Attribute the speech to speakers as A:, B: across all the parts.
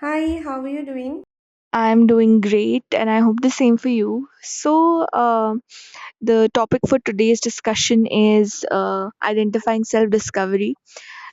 A: Hi, how are you doing?
B: I'm doing great, and I hope the same for you. The topic for today's discussion is identifying self discovery.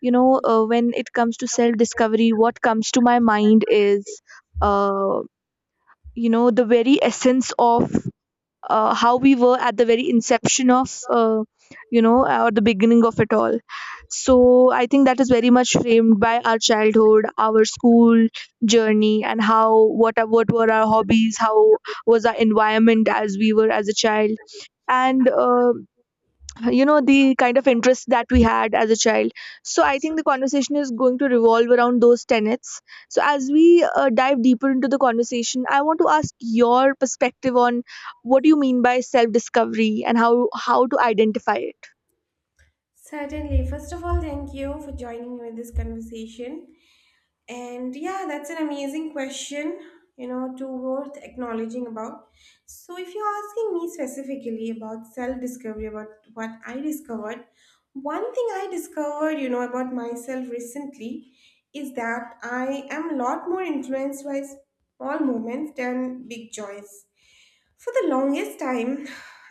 B: When it comes to self discovery, what comes to my mind is, uh, the very essence of how we were at the very inception of you know or the beginning of it all. So I think that is very much framed by our childhood, our school journey, and what were our hobbies, how was our environment as we were as a child. And the kind of interest that we had as a child. So I think the conversation is going to revolve around those tenets. So as we dive deeper into the conversation, I want to ask your perspective on what do you mean by self discovery and how to identify it.
A: Certainly. First of all, thank you for joining me in this conversation. And yeah, that's an amazing question, you know, to worth acknowledging about. So, if you're asking me specifically about self discovery, about what I discovered, one thing I discovered, you know, about myself recently is that I am a lot more influenced by small moments than big joys. For the longest time,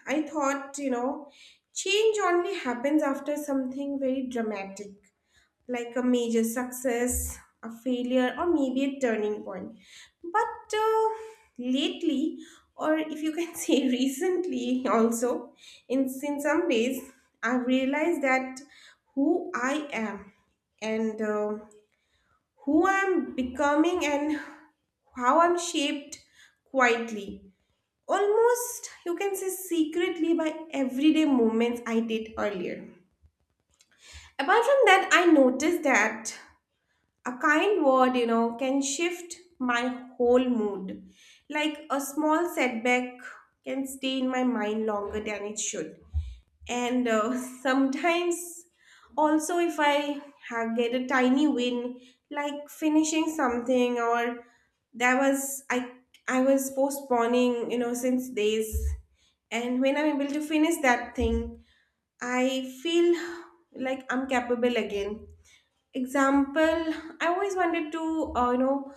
A: I thought, you know, change only happens after something very dramatic, like a major success, a failure, or maybe a turning point. But lately, or if you can say recently, also, in some days, I've realized that who I am and who I'm becoming and how I'm shaped quietly, almost you can say secretly, by everyday movements I did earlier. Apart from that, I noticed that a kind word, you know, can shift my whole mood. Like a small setback can stay in my mind longer than it should. And sometimes also if I get a tiny win, like finishing something or that was I was postponing, you know, since days. And when I'm able to finish that thing, I feel like I'm capable again. Example, I always wanted to, you know,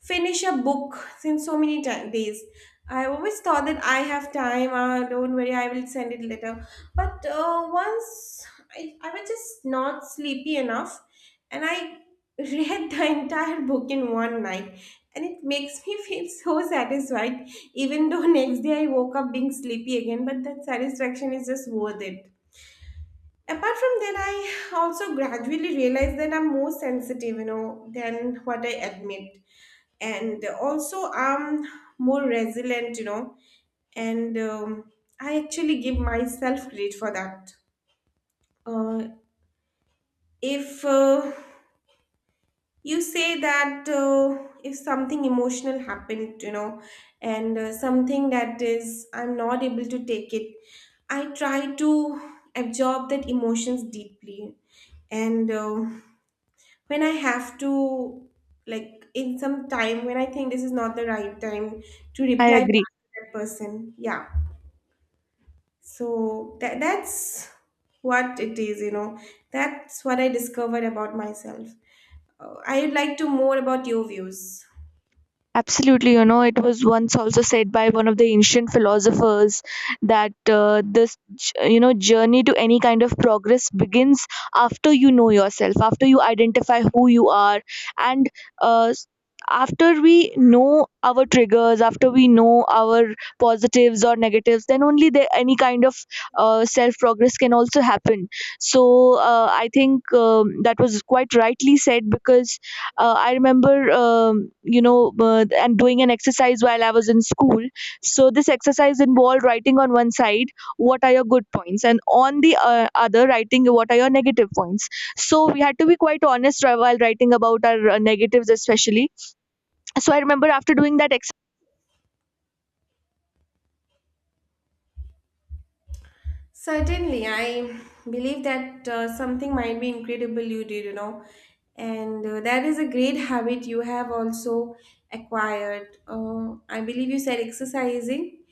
A: finish a book since so many days. I always thought that I have time. Don't worry, I will send it later. But once I was just not sleepy enough, and I read the entire book in one night, and it makes me feel so satisfied. Even though next day I woke up being sleepy again, but that satisfaction is just worth it. Apart from that, I also gradually realized that I'm more sensitive, you know, than what I admit, and also I'm more resilient, and I actually give myself credit for that. Uh, if uh, you say that, if something emotional happened, you know, and something that is I'm not able to take it, I try to absorb that emotions deeply. And when I have to, like, in some time when I think this is not the right time to
B: I
A: reply back
B: agree.
A: to that person. Yeah. So that's what it is, you know. That's what I discovered about myself. I would like to more about your views.
B: Absolutely, you know, it was once also said by one of the ancient philosophers that this, j- you know, journey to any kind of progress begins after you know yourself, after you identify who you are, and uh, s- after we know our triggers, after we know our positives or negatives, then only there any kind of self progress can also happen. So I think that was quite rightly said because I remember you know and doing an exercise while I was in school. So this exercise involved writing on one side what are your good points and on the other writing what are your negative points. So we had to be quite honest while writing about our negatives especially. So I remember after doing that exercise,
A: Certainly, I believe that something might be incredible you did, you know, and that is a great habit you have also acquired. I believe you said exercising,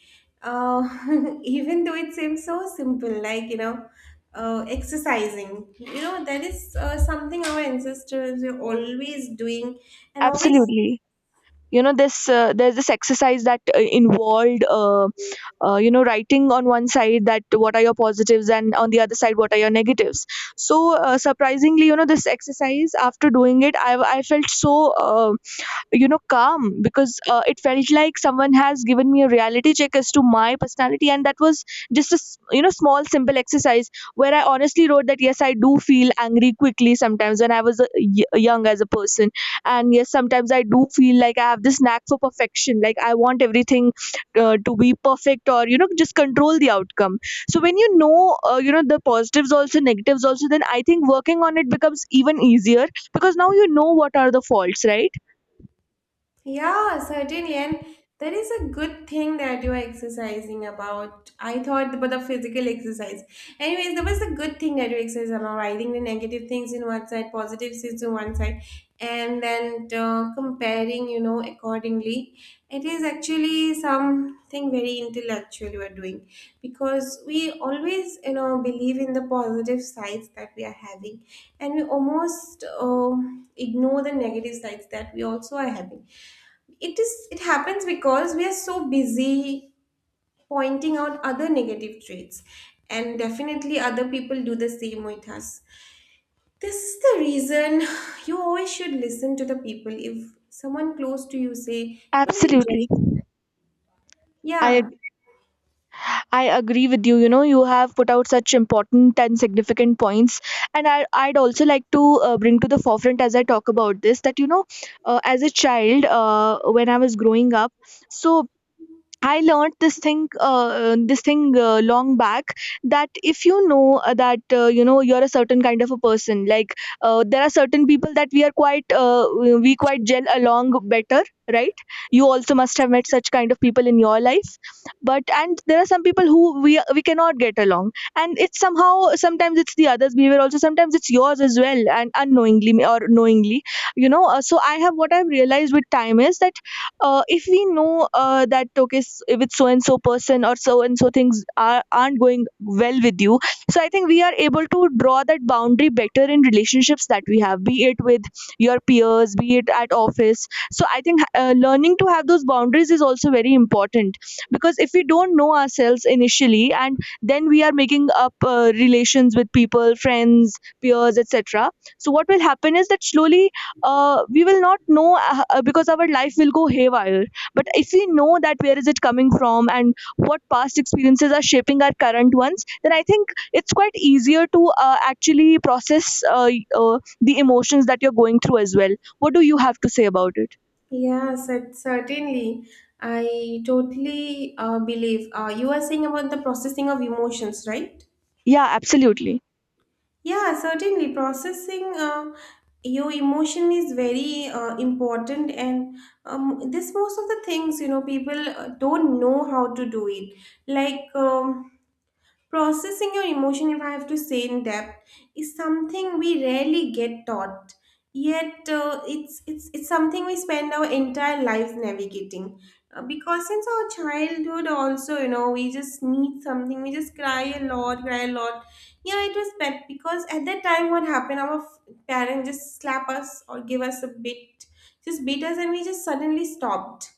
A: uh, even though it seems so simple, like exercising. You know, that is something our ancestors were always doing and always.
B: absolutely you know this there's this exercise that involved writing on one side that what are your positives and on the other side what are your negatives. So surprisingly you know this exercise, after doing it, I felt so um, calm because it felt like someone has given me a reality check as to my personality, and that was just a small simple exercise where I honestly wrote that yes, I do feel angry quickly sometimes when I was young as a person, and yes sometimes I do feel like I have this knack for perfection, like I want everything to be perfect or you know just control the outcome. So when you know the positives also, negatives also, then I think working on it becomes even easier because now you know what are the faults, right?
A: Yeah, certainly. And that is a good thing that you are exercising about. I thought about the physical exercise. Anyways, that was a good thing that you exercise about writing the negative things in one side, positive things in one side, and then comparing, you know, accordingly. It is actually something very intellectual you are doing, because we always, you know, believe in the positive sides that we are having, and we almost ignore the negative sides that we also are having. It is it happens because we are so busy pointing out other negative traits, and definitely other people do the same with us. This is the reason you always should listen to the people if someone close to you say you're very
B: Absolutely.
A: judgmental.
B: I
A: Yeah.
B: I agree with you. You know, you have put out such important and significant points, and I'd also like to bring to the forefront as I talk about this that you know, as a child, when I was growing up, so I learned this thing, long back that if you know that you know you're a certain kind of a person, like there are certain people that we quite gel along better, right? You also must have met such kind of people in your life, but and there are some people who we cannot get along, and it's somehow sometimes it's the other's behavior also, sometimes it's yours as well, and unknowingly or knowingly, you know. So I have what I've realized with time is that if we know that okay with so and so person or so and so things aren't going well with you. So I think we are able to draw that boundary better in relationships that we have, be it with your peers, be it at office. So I think learning to have those boundaries is also very important, because if we don't know ourselves initially and then we are making up relations with people, friends, peers, etc., so what will happen is that slowly we will not know because our life will go haywire. But if we know that where is it coming from and what past experiences are shaping our current ones, then I think it's quite easier to actually process the emotions that you're going through as well. What do you have to say about it?
A: Certainly, I totally believe you are saying about the processing of emotions, right?
B: Yeah, absolutely.
A: Yeah, certainly. Processing your emotion is very important, and this most of the things, you know, people don't know how to do it. Like um, Processing your emotion, if I have to say in depth, is something we rarely get taught. Yet it's something we spend our entire lives navigating. Because since our childhood, also, you know, we just need something. We just cry a lot, cry a lot. Yeah, it was bad because at that time, what happened? Our parents just slap us or give us a bit, just beat us, and we just suddenly stopped.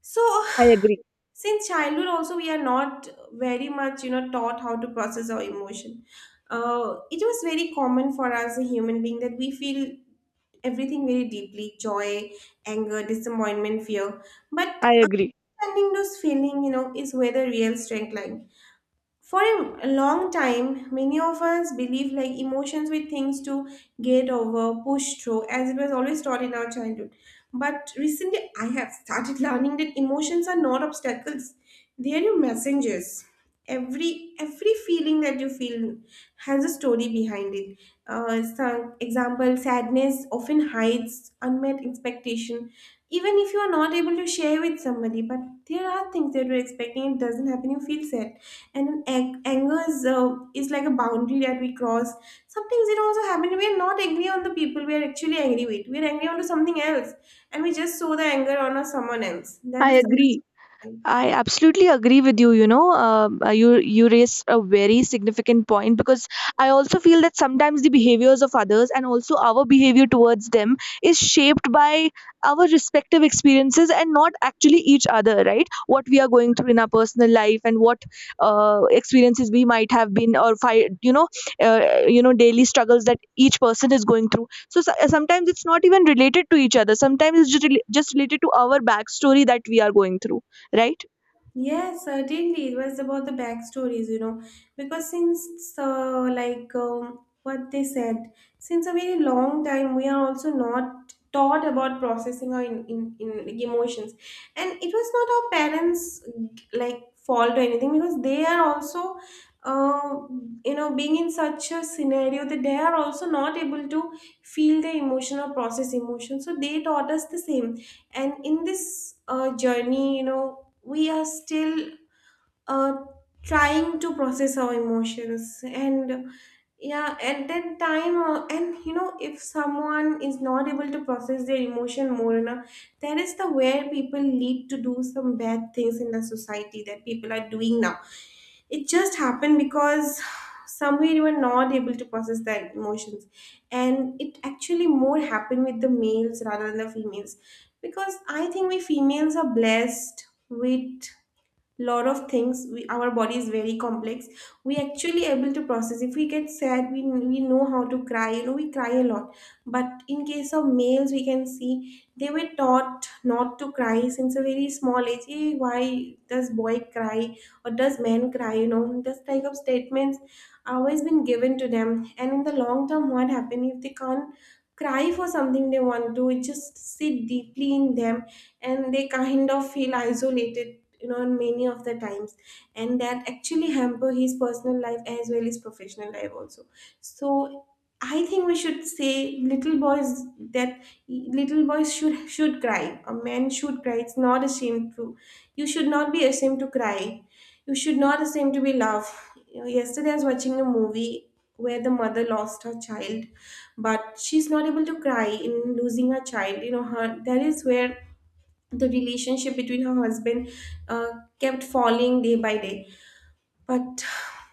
A: So
B: I agree.
A: since childhood also we are not very much, you know, taught how to process our emotion. It was very common for us, a human being, that we feel everything very deeply: joy, anger, disappointment, fear. But
B: I agree.
A: understanding those feeling, you know, is where the real strength lies. For a long time, many of us believe like emotions were things to get over, push through, as it was always taught in our childhood. But recently, I have started learning that emotions are not obstacles; they are your messengers. Every every feeling that you feel has a story behind it. Some example, sadness often hides unmet expectation. Even if you are not able to share with somebody, but there are things that you're expecting, it doesn't happen, you feel sad. And an anger is like a boundary that we cross. Sometimes it also happens we are not angry on the people we are actually angry with, we are angry onto something else, and we just show the anger on us, someone else. That
B: I
A: is
B: agree.
A: something.
B: I absolutely agree with you. You know, you raise a very significant point because I also feel that sometimes the behaviors of others and also our behavior towards them is shaped by our respective experiences and not actually each other, right? What we are going through in our personal life and what experiences we might have been or daily struggles that each person is going through. So sometimes it's not even related to each other. Sometimes it's just, just related to our backstory that we are going through, right?
A: Yes, certainly. It was about the backstories, you know, because since what they said, since a very long time, we are also not taught about processing our in like, emotions, and it was not our parents' like fault or anything, because they are also, uh, you know, being in such a scenario that they are also not able to feel the emotion or process emotion. So they taught us the same, and in this journey, you know, we are still uh, trying to process our emotions. And yeah, at that time, and you know, if someone is not able to process their emotion more enough, that is the where people lead to do some bad things in the society that people are doing now. It just happened because somewhere you were not able to process their emotions. And it actually more happened with the males rather than the females, because I think we females are blessed with lot of things. Our body is very complex, we actually able to process. If we get sad, we know how to cry, you know, we cry a lot. But in case of males, we can see they were taught not to cry since a very small age. Hey, why does boy cry, or does man cry, you know, this type of statements always been given to them. And in the long term, what happen if they can't cry for something they want to, it just sit deeply in them, and they kind of feel isolated, you know, in many of the times. And that actually hamper his personal life as well as professional life also. So I think we should say little boys that little boys should cry, a man should cry, it's not ashamed to, you should not be ashamed to cry, you should not ashamed to be loved. You know, yesterday I was watching a movie where the mother lost her child, but she's not able to cry in losing her child, you know, her, that is where the relationship between her husband uh, kept falling day by day. But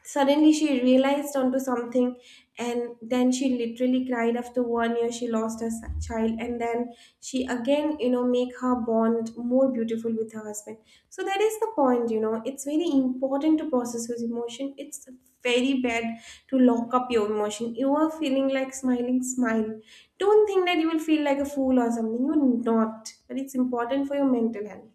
A: suddenly she realized onto something, and then she literally cried after one year she lost her child, and then she again, you know, make her bond more beautiful with her husband. So that is the point, you know. It's very important to process your emotion. It's very bad to lock up your emotion. You are feeling like smiling, smile. Don't think that you will feel like a fool or something. You're not. But it's important for your mental health.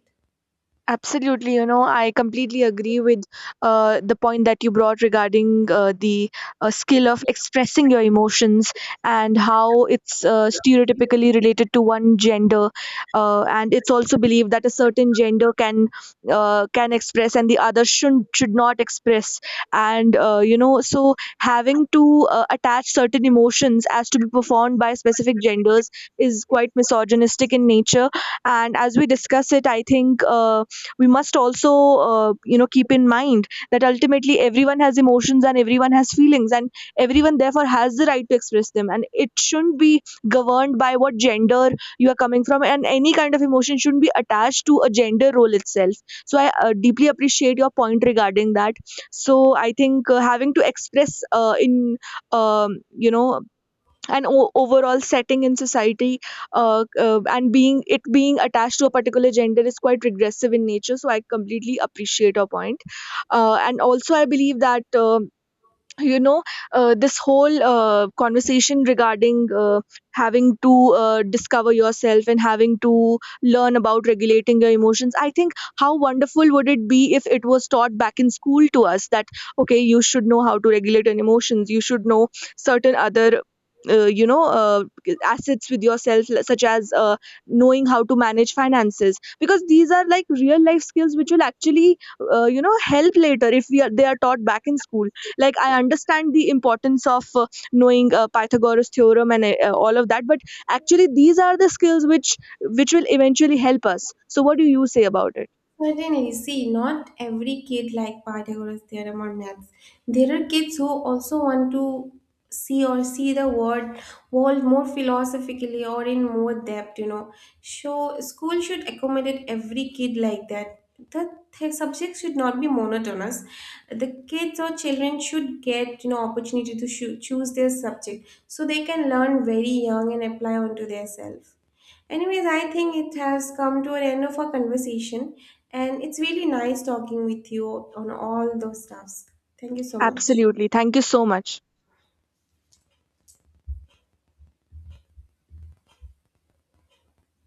B: Absolutely, you know, I completely agree with the point that you brought regarding the skill of expressing your emotions and how it's stereotypically related to one gender, and it's also believed that a certain gender can express and the other should not express, and you know, so having to attach certain emotions as to be performed by specific genders is quite misogynistic in nature, and as we discuss it, I think. We must also keep in mind that ultimately everyone has emotions and everyone has feelings, and everyone therefore has the right to express them, and it shouldn't be governed by what gender you are coming from, and any kind of emotion shouldn't be attached to a gender role itself. So I deeply appreciate your point regarding that. So I think having to express in um, you know and overall setting in society and being it being attached to a particular gender is quite regressive in nature, so I completely appreciate your point. And also I believe that you know this whole conversation regarding having to discover yourself and having to learn about regulating your emotions, I think how wonderful would it be if it was taught back in school to us that okay, you should know how to regulate your emotions, you should know certain other uh, you know uh, assets with yourself, like, such as knowing how to manage finances, because these are like real life skills which will actually help later if we are they are taught back in school. Like, I understand the importance of knowing pythagoras theorem and all of that, but actually these are the skills which will eventually help us. So what do you say about it?
A: Certainly, see, not every kid like Pythagoras theorem or maths. There are kids who also want to see or see the world more philosophically or in more depth, you know. So school should accommodate every kid like that. The subject should not be monotonous. The kids or children should get, you know, opportunity to choose their subject so they can learn very young and apply onto their self. Anyways, I think it has come to an end of our conversation, and it's really nice talking with you on all those stuffs. Thank you so much.
B: Absolutely, thank you so much.